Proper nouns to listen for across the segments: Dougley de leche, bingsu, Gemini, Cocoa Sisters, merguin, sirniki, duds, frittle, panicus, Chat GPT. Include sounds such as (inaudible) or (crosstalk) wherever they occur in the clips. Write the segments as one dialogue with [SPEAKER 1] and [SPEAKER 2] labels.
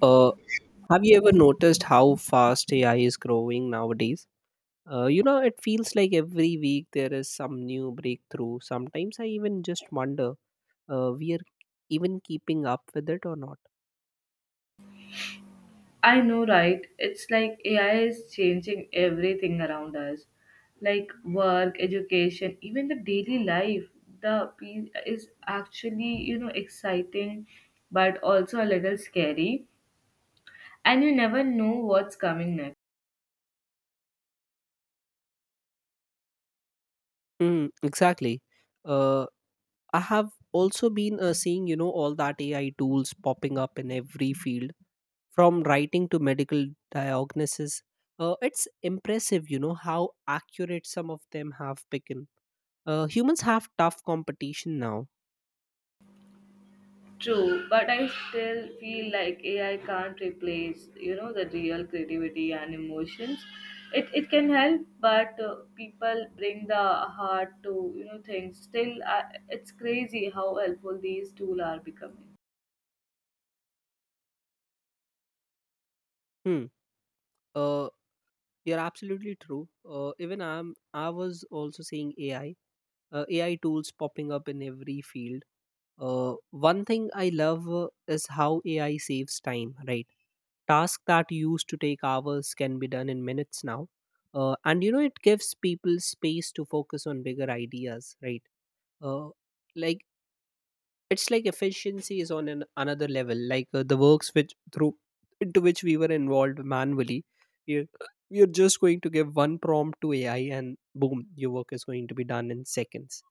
[SPEAKER 1] Uh, have you ever noticed how fast AI is growing nowadays? It feels like every week there is some new breakthrough. Sometimes I even just wonder we are even keeping up with it or not.
[SPEAKER 2] I know, right? It's like AI is changing everything around us, like work, education, even the daily life. The piece is actually, you know, exciting, but also a little scary, and you never know what's coming next.
[SPEAKER 1] Mm, exactly. Uh, I have also been seeing, all that AI tools popping up in every field, from writing to medical diagnosis. It's impressive, you know, how accurate some of them have become. Humans have tough competition now.
[SPEAKER 2] True, but I still feel like AI can't replace, you know, the real creativity and emotions. It can help, but people bring the heart to things. Still, it's crazy how helpful these tools are becoming.
[SPEAKER 1] Hmm. Uh, you're absolutely true. Even I was also seeing AI, AI tools popping up in every field. One thing I love is how AI saves time, right? Tasks that used to take hours can be done in minutes now. And you know, it gives people space to focus on bigger ideas, right? Uh, like it's like efficiency is on another level, like the works which through into which we were involved manually, you're, you're just going to give one prompt to AI, and boom, your work is going to be done in seconds.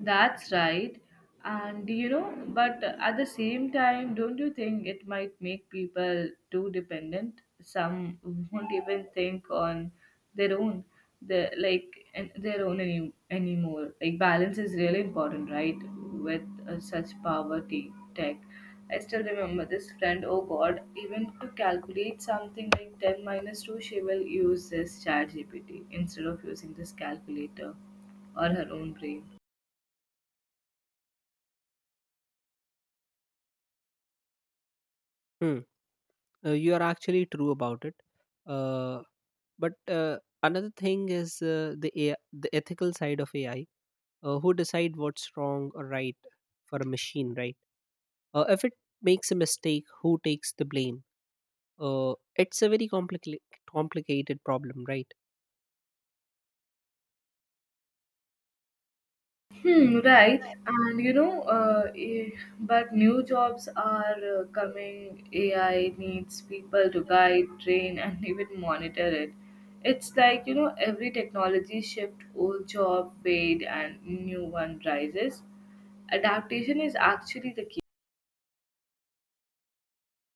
[SPEAKER 2] That's right. And you know, but at the same time, don't you think it might make people too dependent? Some won't even think on their own, the like and their own any, anymore. Like balance is really important, right? With such poverty tech. I still remember this friend. Oh God, even to calculate something like ten minus two, she will use this Chat GPT instead of using this calculator or her own brain.
[SPEAKER 1] Hmm. You are actually true about it. Uh, but uh, another thing is the AI, the ethical side of AI. Who decide what's wrong or right for a machine, right? If it makes a mistake, who takes the blame? It's a very complicated problem, right?
[SPEAKER 2] Hmm, right. And you know, but new jobs are coming. AI needs people to guide, train, and (laughs) even monitor it. It's like, you know, every technology shift, old job fade and new one rises. Adaptation is actually the key.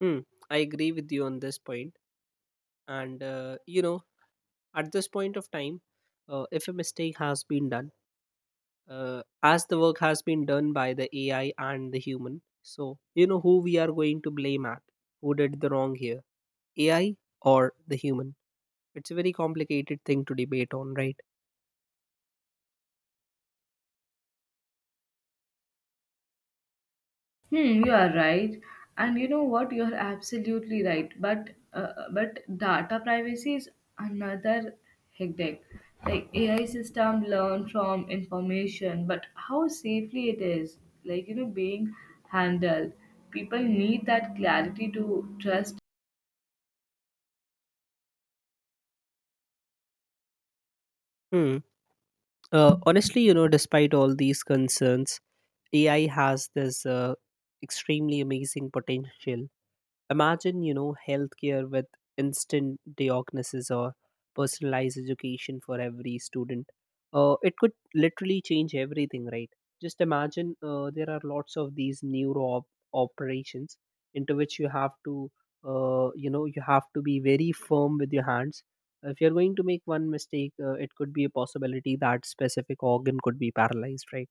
[SPEAKER 1] Hmm, I agree with you on this point. And, you know, at this point of time, if a mistake has been done, as the work has been done by the AI and the human, so, you know, who we are going to blame at? Who did the wrong here? AI or the human? It's a very complicated thing to debate on, right?
[SPEAKER 2] Hmm, you are right, and you know what? You are absolutely right. But data privacy is another hectic. Like AI system learn from information, but how safely it is, like you know, being handled. People need that clarity to trust.
[SPEAKER 1] Hmm. Honestly, you know, despite all these concerns, AI has this extremely amazing potential. Imagine, you know, healthcare with instant diagnosis or personalized education for every student. It could literally change everything, right? Just imagine there are lots of these operations into which you have to, you know, you have to be very firm with your hands. If you're going to make one mistake, it could be a possibility that specific organ could be paralyzed, right?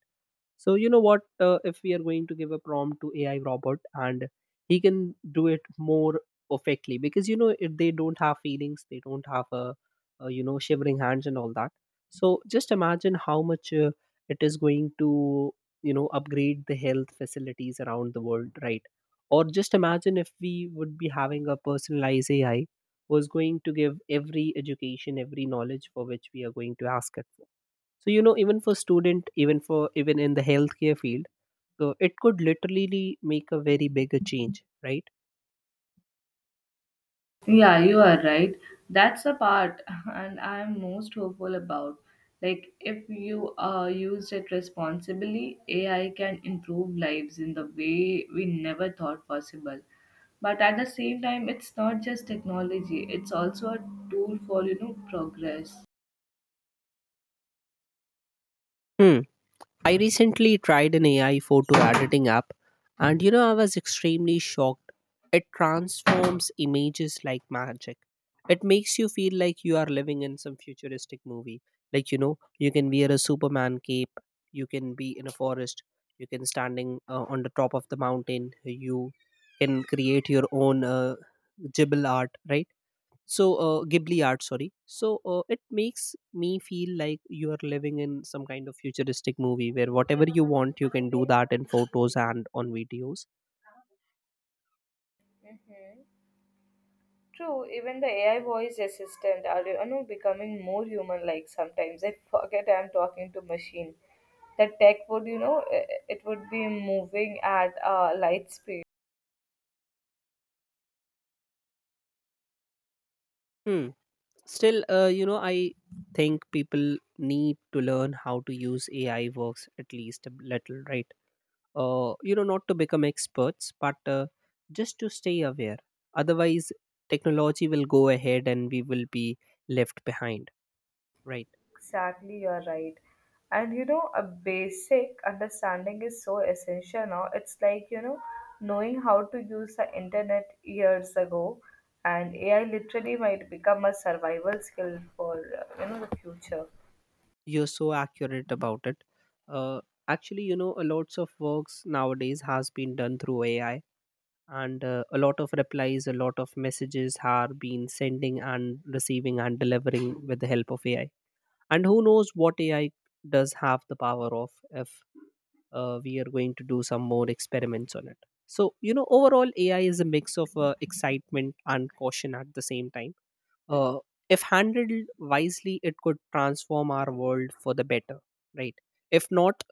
[SPEAKER 1] So you know what? If we are going to give a prompt to AI robot, and he can do it more perfectly because you know it, they don't have feelings, they don't have a, you know, shivering hands and all that. So just imagine how much it is going to, you know, upgrade the health facilities around the world, right? Or just imagine if we would be having a personalized AI who is going to give every education, every knowledge for which we are going to ask it. So you know, even for student, even for even in the healthcare field, so it could literally make a very big a change, right?
[SPEAKER 2] Yeah, you are right. That's the part, (laughs) and I'm most hopeful about. Like, if you use it responsibly, AI can improve lives in the way we never thought possible. But at the same time, it's not just technology; it's also a tool for you know progress.
[SPEAKER 1] Hmm. I recently tried an AI photo editing app, and you know, I was extremely shocked. It transforms images like magic. It makes you feel like you are living in some futuristic movie. Like, you know, you can wear a Superman cape, you can be in a forest, you can standing on the top of the mountain, you can create your own Jibble art, right? so ghibli art, sorry. So it makes me feel like you are living in some kind of futuristic movie where whatever you want, you can do that in photos and on videos.
[SPEAKER 2] True, even the AI voice assistant are you know becoming more human-like sometimes. I forget I'm talking to machine. The tech would, you know, it would be moving at a light speed.
[SPEAKER 1] Hmm. Still, I think people need to learn how to use AI works at least a little, right? You know, not to become experts, but just to stay aware, otherwise technology will go ahead, and we will be left behind, right?
[SPEAKER 2] Exactly, you're right. And you know, a basic understanding is so essential now. It's like, you know, knowing how to use the internet years ago, and AI literally might become a survival skill for, you know, the future.
[SPEAKER 1] You're so accurate about it. Uh, Actually, you know, a lots of works nowadays has been done through AI, and a lot of replies, a lot of messages are being sending and receiving and delivering with the help of AI. And who knows what AI does have the power of, if we are going to do some more experiments on it. So you know, overall AI is a mix of excitement and caution at the same time. uh, if handled wisely, it could transform our world for the better, right? If not,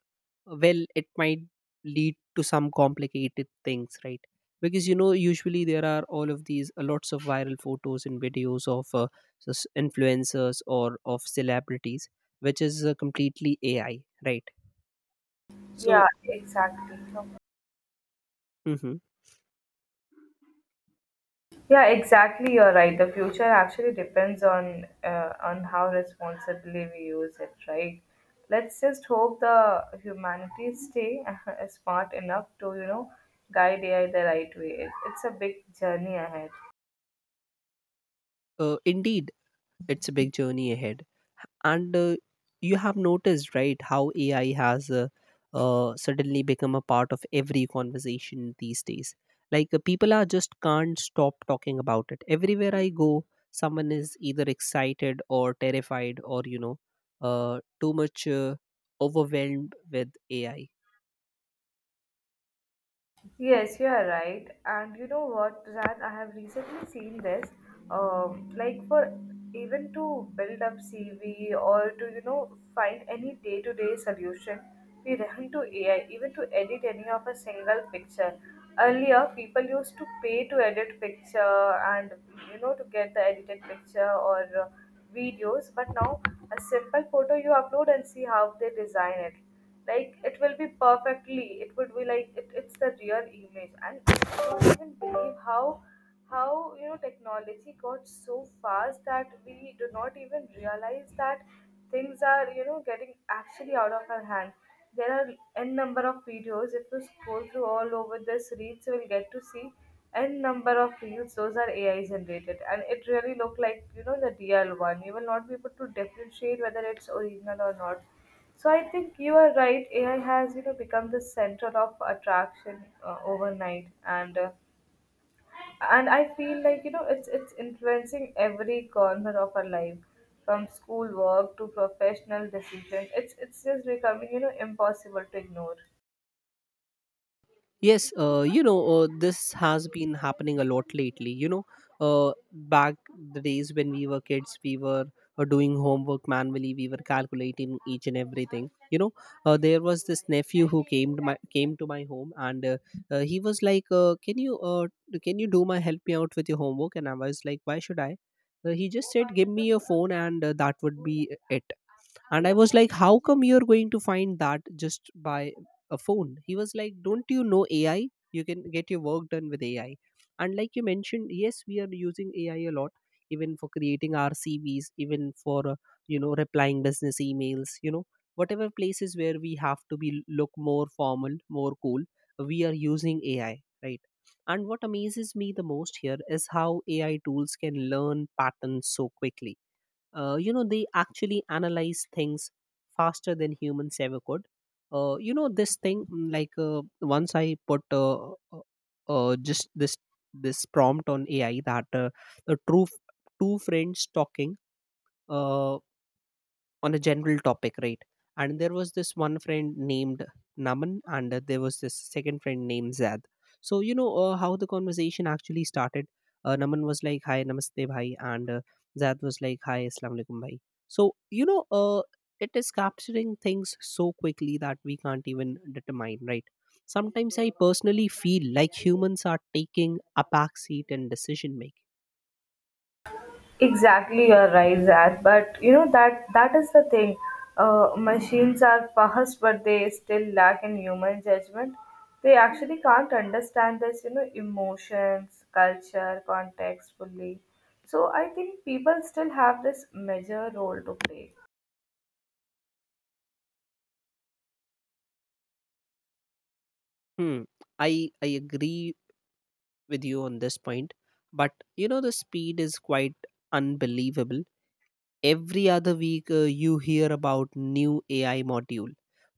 [SPEAKER 1] well, it might lead to some complicated things, right? Because you know, usually there are all of these lots of viral photos and videos of influencers or of celebrities which is completely AI, right?
[SPEAKER 2] Yeah,
[SPEAKER 1] So,
[SPEAKER 2] exactly.
[SPEAKER 1] mhm,
[SPEAKER 2] Yeah, exactly. You're right. The future actually depends on how responsibly we use it, right? Let's just hope the humanity stay (laughs) smart enough to you know guide AI the right way. It's a big journey ahead.
[SPEAKER 1] indeed, it's a big journey ahead. And you have noticed, right, how AI has suddenly become a part of every conversation these days. Like people are just can't stop talking about it. Everywhere I go, someone is either excited or terrified, or you know, too much overwhelmed with AI.
[SPEAKER 2] Yes, you are right. And you know what, Zan, I have recently seen this. Like for even to build up CV or to you know find any day-to-day solution, we run to AI. Even to edit any of a single picture. Earlier, people used to pay to edit picture and you know to get the edited picture or videos. But now, a simple photo you upload and see how they design it, like it will be perfectly, it would be like it's the real image, and I don't even believe how you know technology got so fast that we do not even realize that things are you know getting actually out of our hands. There are n number of videos. If you scroll through all over this reels, you will get to see n number of reels. Those are AI generated, and it really look like you know the DL one. You will not be able to differentiate whether it's original or not. So I think you are right. AI has you know become the center of attraction overnight, and and I feel like you know it's influencing every corner of our life, from school work to professional decisions. It's just becoming you know impossible to ignore.
[SPEAKER 1] Yes, this has been happening a lot lately. You know, back the days when we were kids, we were doing homework manually. We were calculating each and everything. You know, there was this nephew who came to my home, and he was like, can you do my help me out with your homework?" And I was like, "Why should I?" He just said, "Give me your phone, and that would be it." And I was like, how come you're going to find that just by a phone? He was like, don't you know AI? You can get your work done with AI. And like you mentioned, yes, we are using AI a lot, even for creating our CVs, even for you know, replying business emails, you know, whatever places where we have to be look more formal, more cool, we are using AI, right? And what amazes me the most here is how AI tools can learn patterns so quickly. You know, they actually analyze things faster than humans ever could. Uh, you know this thing mm, like once I put just this this prompt on AI that the true f- two friends talking uh, on a general topic, right? And there was this one friend named Naman, and there was this second friend named Zad. So you know how the conversation actually started. Naman was like, "Hi, Namaste, bhai," and Zad was like, "Hi, Assalamu alaikum, bhai." So you know, it is capturing things so quickly that we can't even determine, right? Sometimes I personally feel like humans are taking a backseat in decision making.
[SPEAKER 2] Exactly, you're right, Zach. But you know that is the thing, machines are fast, but they still lack in human judgment. They actually can't understand this you know emotions, culture, context fully. So I think people still have this major role to play.
[SPEAKER 1] Hmm. I agree with you on this point. But you know, the speed is quite unbelievable. Every other week, you hear about new AI module,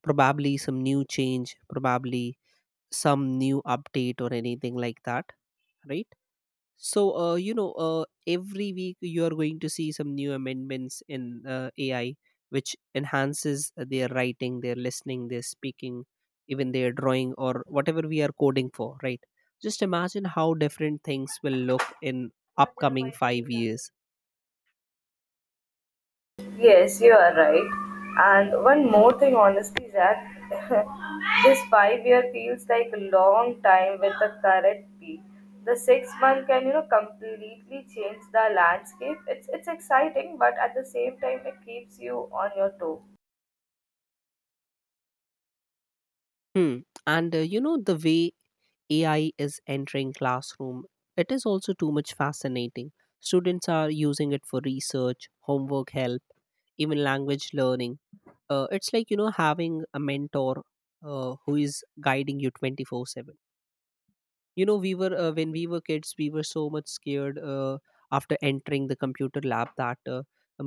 [SPEAKER 1] probably some new change, probably some new update or anything like that, right? So, every week you are going to see some new amendments in AI, which enhances their writing, their listening, their speaking, even their drawing, or whatever we are coding for, right? Just imagine how different things will look in upcoming 5 years.
[SPEAKER 2] Yes, you are right. And one more thing, honestly, Zach, (laughs) this 5 year feels like a long time with the current peak. The 6 month can you know completely change the landscape. It's exciting, but at the same time, it keeps you on your toe.
[SPEAKER 1] Hmm. And you know, the way AI is entering classroom, it is also too much fascinating. Students are using it for research, homework help, even language learning. It's like, you know, having a mentor who is guiding you 24/7. You know, we were when we were kids, we were so much scared after entering the computer lab that uh,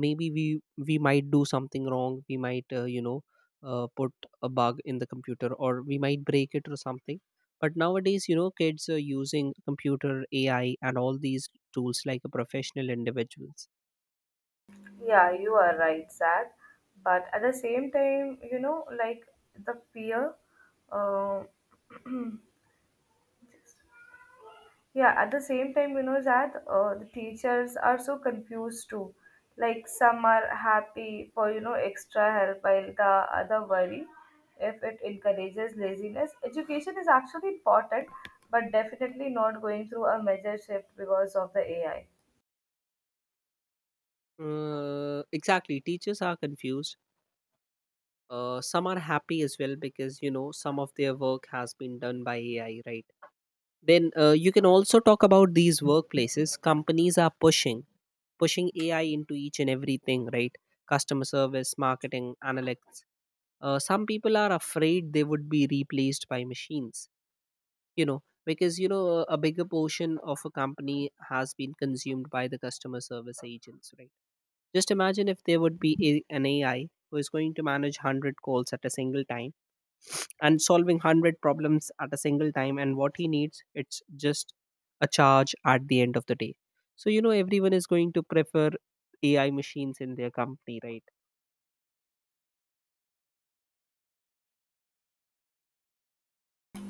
[SPEAKER 1] maybe we we might do something wrong, we might, put a bug in the computer, or we might break it or something. But nowadays, you know, kids are using computer, AI, and all these tools like a professional individuals.
[SPEAKER 2] Yeah, you are right, Zach. But at the same time, you know, like the fear. Um (clears throat) Yeah, at the same time, you know that the teachers are so confused too. Like some are happy for you know extra help, while the other worry if it encourages laziness. Education is actually important, but definitely not going through a major shift because of the AI.
[SPEAKER 1] Exactly, teachers are confused. Some are happy as well, because you know, some of their work has been done by AI, right? Then you can also talk about these workplaces. Companies are pushing AI into each and everything, right? Customer service, marketing, analytics. Some people are afraid they would be replaced by machines. You know, because you know, a bigger portion of a company has been consumed by the customer service agents, right? Just imagine if there would be an AI who is going to manage 100 calls at a single time and solving 100 problems at a single time. And what he needs? It's just a charge at the end of the day. So you know, everyone is going to prefer AI machines in their company, right?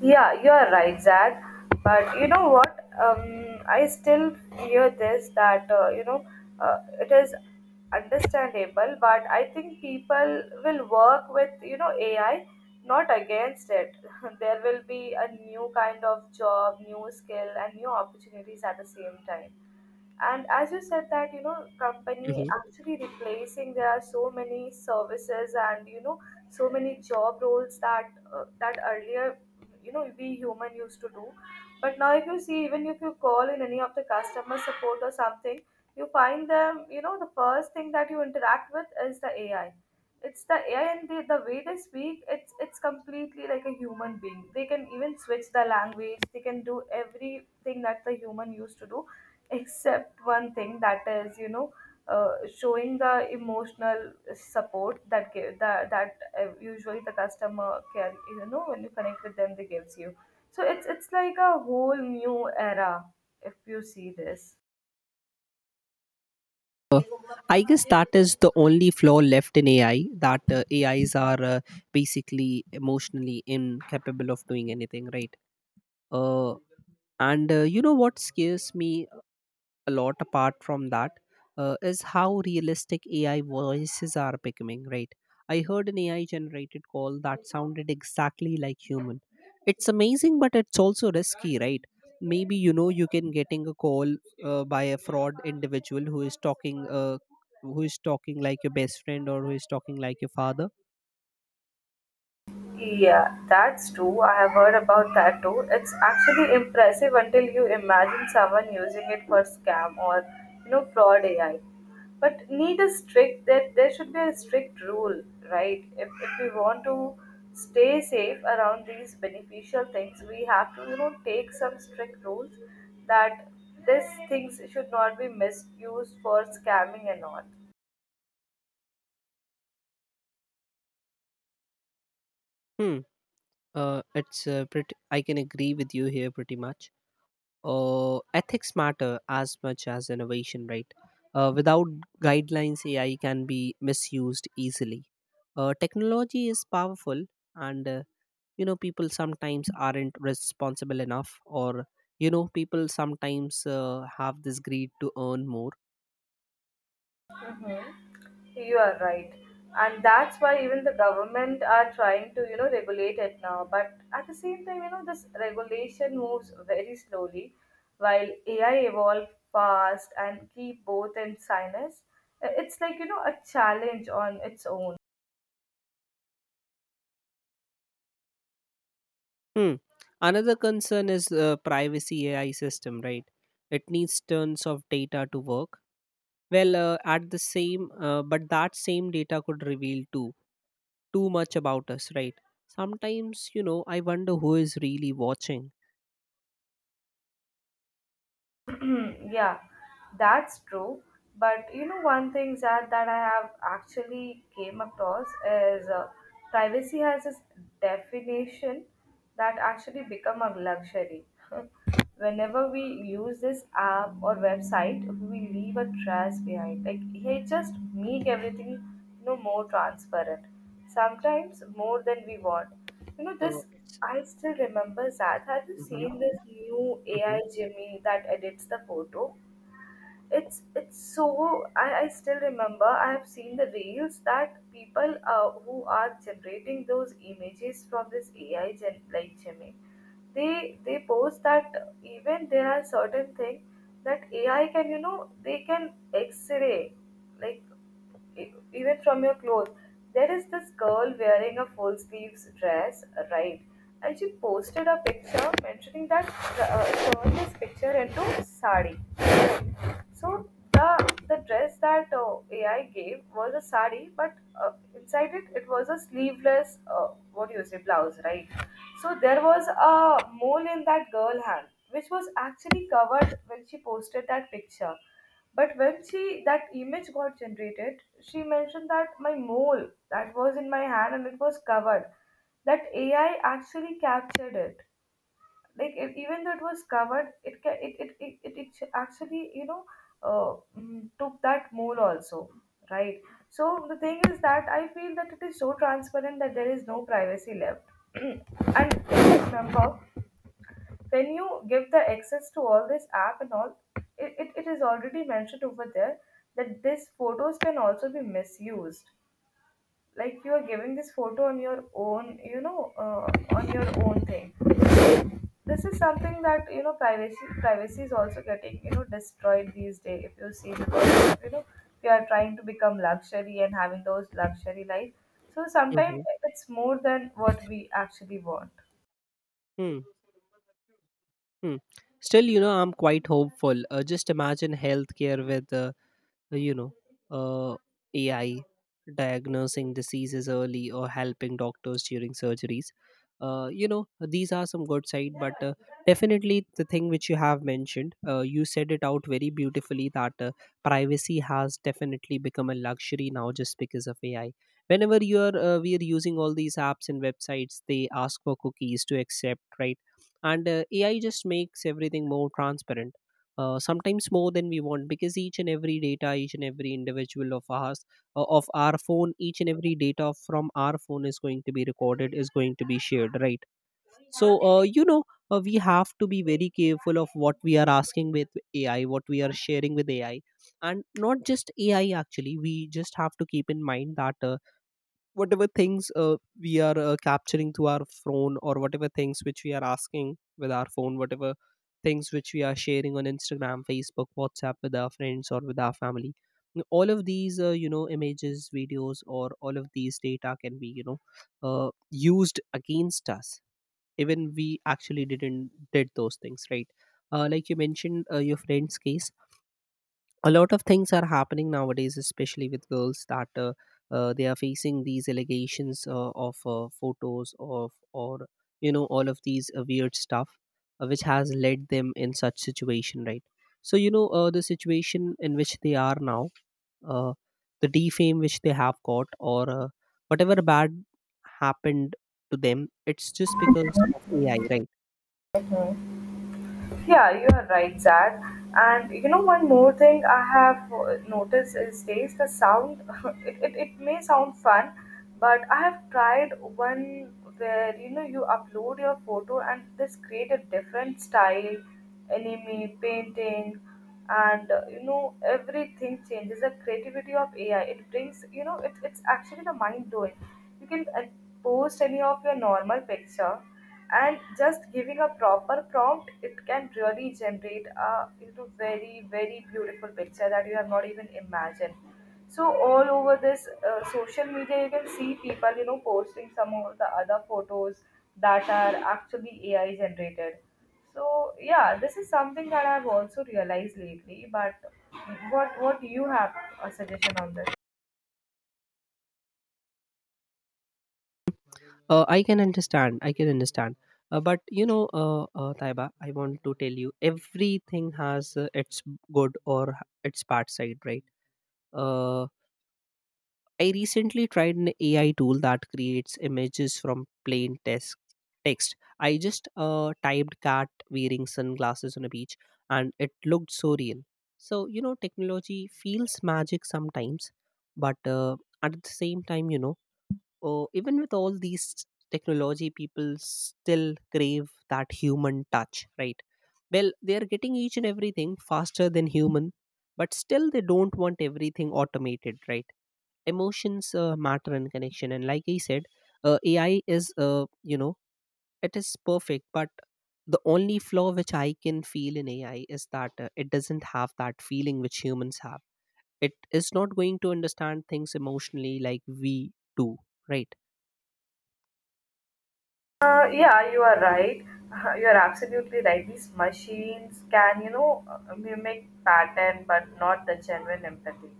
[SPEAKER 2] Yeah, you are right, Zach. But you know what? I still hear this that you know it is understandable, but I think people will work with you know AI, not against it. (laughs) There will be a new kind of job, new skill, and new opportunities at the same time. And as you said that you know company
[SPEAKER 1] Mhm.
[SPEAKER 2] actually replacing, there are so many services and you know so many job roles that that earlier you know we human used to do. But now if you see, even if you call in any of the customer support or something, you find them, you know, the first thing that you interact with is the AI. It's the AI, and the way they speak, it's completely like a human being. They can even switch the language. They can do everything that the human used to do, except one thing, that is you know showing the emotional support, that give that usually the customer care, you know, when you connect with them, they gives you. So it's like a whole new era if you see this.
[SPEAKER 1] Uh, I guess that is the only flaw left in AI, that AIs are basically emotionally incapable of doing anything, right? Uh, and what scares me a lot apart from that is how realistic AI voices are becoming, right? I heard an AI generated call that sounded exactly like human. It's amazing, but it's also risky, right? Maybe you can getting a call by a fraud individual who is talking like your best friend or who is talking like your father.
[SPEAKER 2] Yeah, that's true. I have heard about that too. It's actually impressive until you imagine someone using it for scam or you know fraud AI. But need a strict that there should be a strict rule, right? If we want to stay safe around these beneficial things, we have to you know take some strict rules that these things should not be misused for scamming and all.
[SPEAKER 1] Hmm. It's pretty. I can agree with you here pretty much. Ethics matter as much as innovation, right? Without guidelines, AI can be misused easily. Technology is powerful, and people sometimes aren't responsible enough, or people sometimes have this greed to earn more.
[SPEAKER 2] You are right. And that's why even the government are trying to, you know, regulate it now. But at the same time, you know, this regulation moves very slowly while AI evolve fast and keep both in sinus. It's like, you know, a challenge on its own.
[SPEAKER 1] Hmm. Another concern is privacy AI system, right? It needs tons of data to work. But that same data could reveal too much about us, right? Sometimes, I wonder who is really watching.
[SPEAKER 2] (clears throat) Yeah, that's true. But you know, one thing that I have actually came across is privacy has this definition that actually become a luxury. (laughs) Whenever we use this app or website, we leave a trace behind. Like, hey, just make everything you know more transparent, sometimes more than we want. You know, this,
[SPEAKER 1] It's
[SPEAKER 2] I still remember Zad. Have you seen
[SPEAKER 1] hmm
[SPEAKER 2] this new
[SPEAKER 1] hmm
[SPEAKER 2] AI Jimmy that edits the photo? It's so I still remember I have seen the reels that people who are generating those images from this AI gen like Gemini, they post that even there are certain things that AI can you know they can X-ray like even from your clothes. There is this girl wearing a full sleeves dress, right? And she posted a picture mentioning that turned this picture into sari. So the dress that AI gave was a sari, but inside it it was a sleeveless what do you say blouse, right? So there was a mole in that girl hand, which was actually covered when she posted that picture. But when she that image got generated, she mentioned that my mole that was in my hand and it was covered. That AI actually captured it, like even though it was covered, it ca- it actually you know uh, took that mole also, right? So the thing is that I feel that it is so transparent that there is no privacy left. (clears throat) And if you remember, when you give the access to all this app and all, it is already mentioned over there that these photos can also be misused. Like you are giving this photo on your own you know on your own thing. This is something that you know privacy is also getting you know destroyed these days if you see, because you know we are trying to become luxury and having those luxury life. So
[SPEAKER 1] hmm
[SPEAKER 2] sometimes it's more than what we actually want.
[SPEAKER 1] hmm hmm. Still, I'm quite hopeful. Just imagine healthcare with uh, you know, uh, AI diagnosing diseases early or helping doctors during surgeries. These are some good side, but definitely the thing which you have mentioned, you said it out very beautifully that privacy has definitely become a luxury now just because of AI. Whenever you are we are using all these apps and websites, they ask for cookies to accept, right? And AI just makes everything more transparent, sometimes more than we want, because each and every data, each and every individual of us, of our phone, each and every data from our phone is going to be recorded, is going to be shared, right? So we have to be very careful of what we are asking with AI, what we are sharing with AI. And not just AI, actually we just have to keep in mind that whatever things we are capturing through our phone, or whatever things which we are asking with our phone, whatever things which we are sharing on Instagram, Facebook, WhatsApp with our friends or with our family, all of these, images, videos, or all of these data can be, used against us, even we actually didn't did those things, right? Like you mentioned, your friend's case, a lot of things are happening nowadays, especially with girls, that they are facing these allegations of photos of, or all of these weird stuff which has led them in such situation, right? So the situation in which they are now, uh, the defame which they have got, or whatever bad happened to them, it's just because of AI, right?
[SPEAKER 2] Yeah, you are right, Zach. And you know, one more thing I have noticed is days the sound. (laughs) It may sound fun, but I have tried one where you know you upload your photo and this create a different style, anime, painting, and you know everything changes. The creativity of AI it brings, you know, it, it's actually the mind blowing. You can post any of your normal picture, and just giving a proper prompt it can really generate a you know very very beautiful picture that you have not even imagined. So all over this social media you can see people you know posting some of the other photos that are actually AI generated. So yeah, this is something that I've also realized lately, but what do you have a suggestion on this?
[SPEAKER 1] I can understand. But you know, Taiba, I want to tell you, everything has its good or h- its bad side, right? Uh, I recently tried an AI tool that creates images from plain text. I just typed cat wearing sunglasses on a beach, and it looked so real. So you know, technology feels magic sometimes, but at the same time, you know. Oh, even with all these technology, people still crave that human touch, right? Well, they are getting each and everything faster than human, but still they don't want everything automated, right? Emotions matter in connection, and like I said, AI is, it is perfect, but the only flaw which I can feel in AI is that it doesn't have that feeling which humans have. It is not going to understand things emotionally like we do, right?
[SPEAKER 2] Yeah, you are right. (laughs) You are absolutely right. These machines can, you know, mimic pattern, but not the genuine empathy.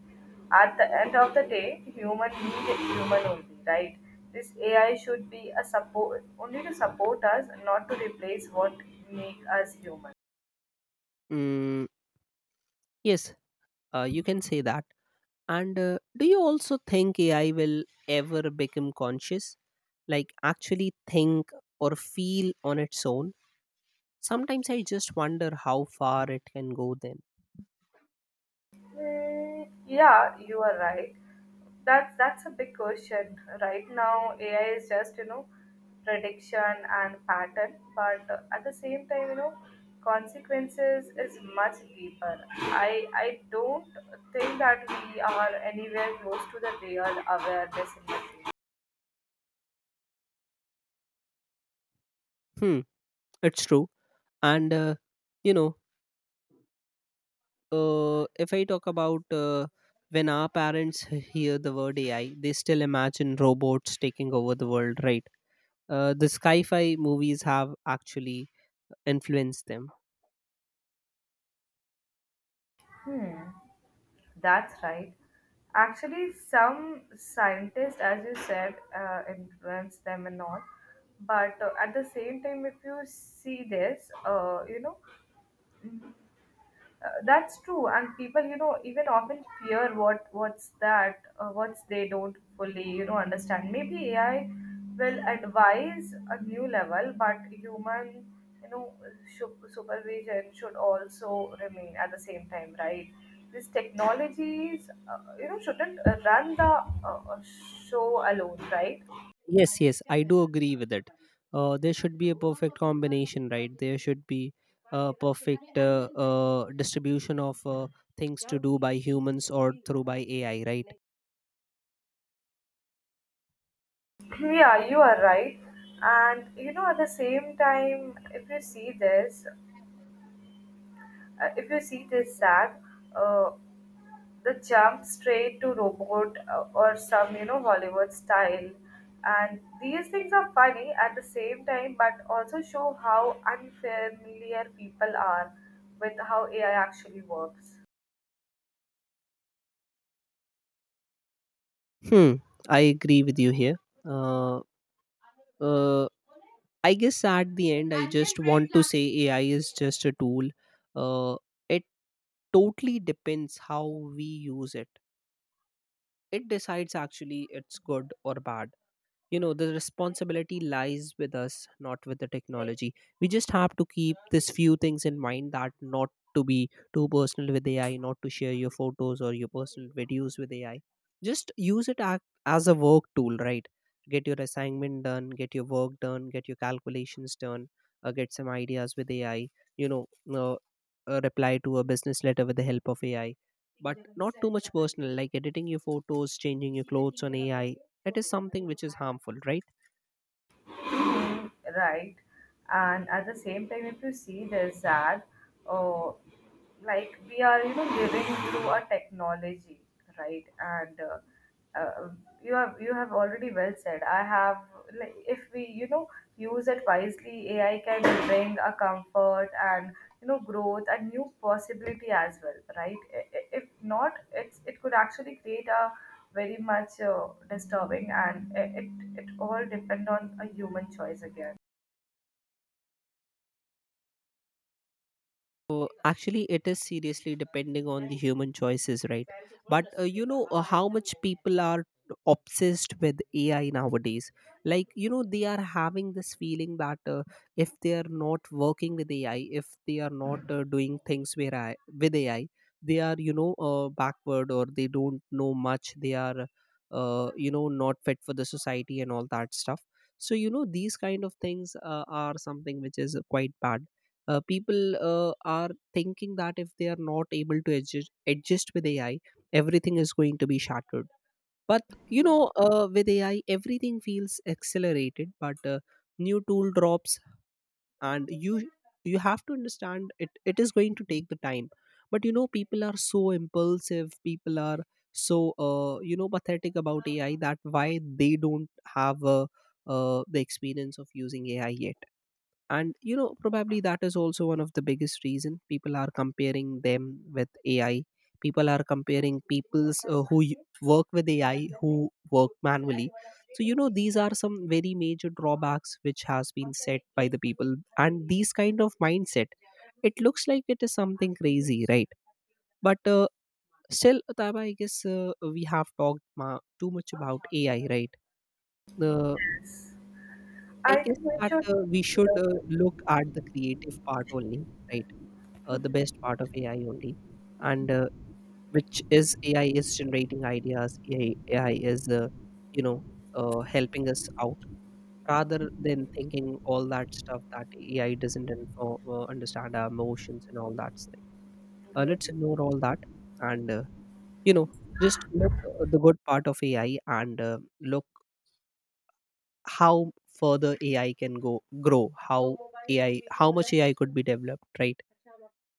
[SPEAKER 2] At the end of the day, human need is human only, right? This AI should be a support only to support us, not to replace what make us human.
[SPEAKER 1] Mm, yes, you can say that. And do you also think AI will ever become conscious, like actually think or feel on its own? Sometimes I just wonder how far it can go then.
[SPEAKER 2] Mm, yeah, you are right. That's a big question. Right now, AI is just you know prediction and pattern, but at the same time, you know consequences is much deeper. I don't think that we are anywhere close to the real awareness in the.
[SPEAKER 1] Hmm, it's true. And, uh, you know, if I talk about when our parents hear the word AI, they still imagine robots taking over the world, right? The sci fi movies have actually influenced them.
[SPEAKER 2] That's right. Actually, some scientists, as you said, influence them and all. But at the same time, if you see this, you know, that's true, and people, you know, even often fear what what's they don't fully, you know, understand. Maybe AI will advise a new level, but human, you know, supervision should also remain at the same time, right? These technologies, you know, shouldn't run the uh, show alone, right?
[SPEAKER 1] Yes, yes, I do agree with it. There should be a perfect combination, right? There should be a perfect distribution of things to do by humans or through by AI, right?
[SPEAKER 2] (clears throat) Yeah, you are right. And you know, at the same time, if you see this. If you see this sad, uh, the jump straight to robot or some you know Hollywood style, and these things are funny at the same time, but also show how unfamiliar people are with how AI actually works.
[SPEAKER 1] Hmm, I agree with you here. Uh, uh, I guess at the end, I just want to say AI is just a tool. Uh, it totally depends how we use it. It decides actually it's good or bad. You know the responsibility lies with us, not with the technology. We just have to keep this few things in mind: that not to be too personal with AI, not to share your photos or your personal videos with AI, just use it as a work tool, right? Get your assignment done, get your work done, get your calculations done, get some ideas with AI. you know uh, Reply to a business letter with the help of AI, but not too much personal, like editing your photos, changing your clothes on AI. That is something which is harmful, right?
[SPEAKER 2] (gasps) Mm, right, and at the same time if you see there's that oh, like we are you know living through a technology, right? And you have already well said I have, like if we you know use it wisely AI can bring a comfort and you know growth and new possibility as well, right? If not, it could actually create a very much disturbing, and it all depend on a human choice again.
[SPEAKER 1] Actually, it is seriously depending on the human choices, right? But how much people are obsessed with AI nowadays. Like you know, they are having this feeling that if they are not working with AI, if they are not doing things where I, with AI, they are backward, or they don't know much. They are not fit for the society and all that stuff. So you know these kind of things are something which is quite bad. People are thinking that if they are not able to adjust with AI, everything is going to be shattered. But you know with AI everything feels accelerated, but new tool drops, and you have to understand it, it is going to take the time. But you know people are so impulsive, people are so pathetic about AI, that why they don't have the experience of using AI yet. And you know probably that is also one of the biggest reason people are comparing them with AI, people are comparing people's who work with AI, who work manually. So you know these are some very major drawbacks which has been set by the people, and these kind of mindset, it looks like it is something crazy, right? But still Taba, I guess we have talked too much about AI, right? uh, I
[SPEAKER 2] I think
[SPEAKER 1] guess
[SPEAKER 2] we
[SPEAKER 1] that
[SPEAKER 2] should.
[SPEAKER 1] we should look at the creative part only, right? The best part of AI only, and which is AI is generating ideas, AI is you know helping us out, rather than thinking all that stuff that AI doesn't understand our emotions and all that thing. Let's ignore all that, and you know just look the good part of AI, and look how further AI can go grow, how AI, how much AI could be developed, right?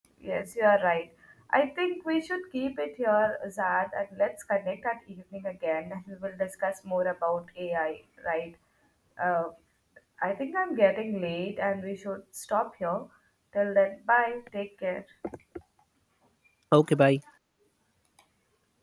[SPEAKER 2] (laughs) Yes, you are right. I think we should keep it here, Zad, and let's connect at evening again and we will discuss more about AI, right? uh, I think I'm getting late and we should stop here. Till then, bye, take care.
[SPEAKER 1] Okay, bye.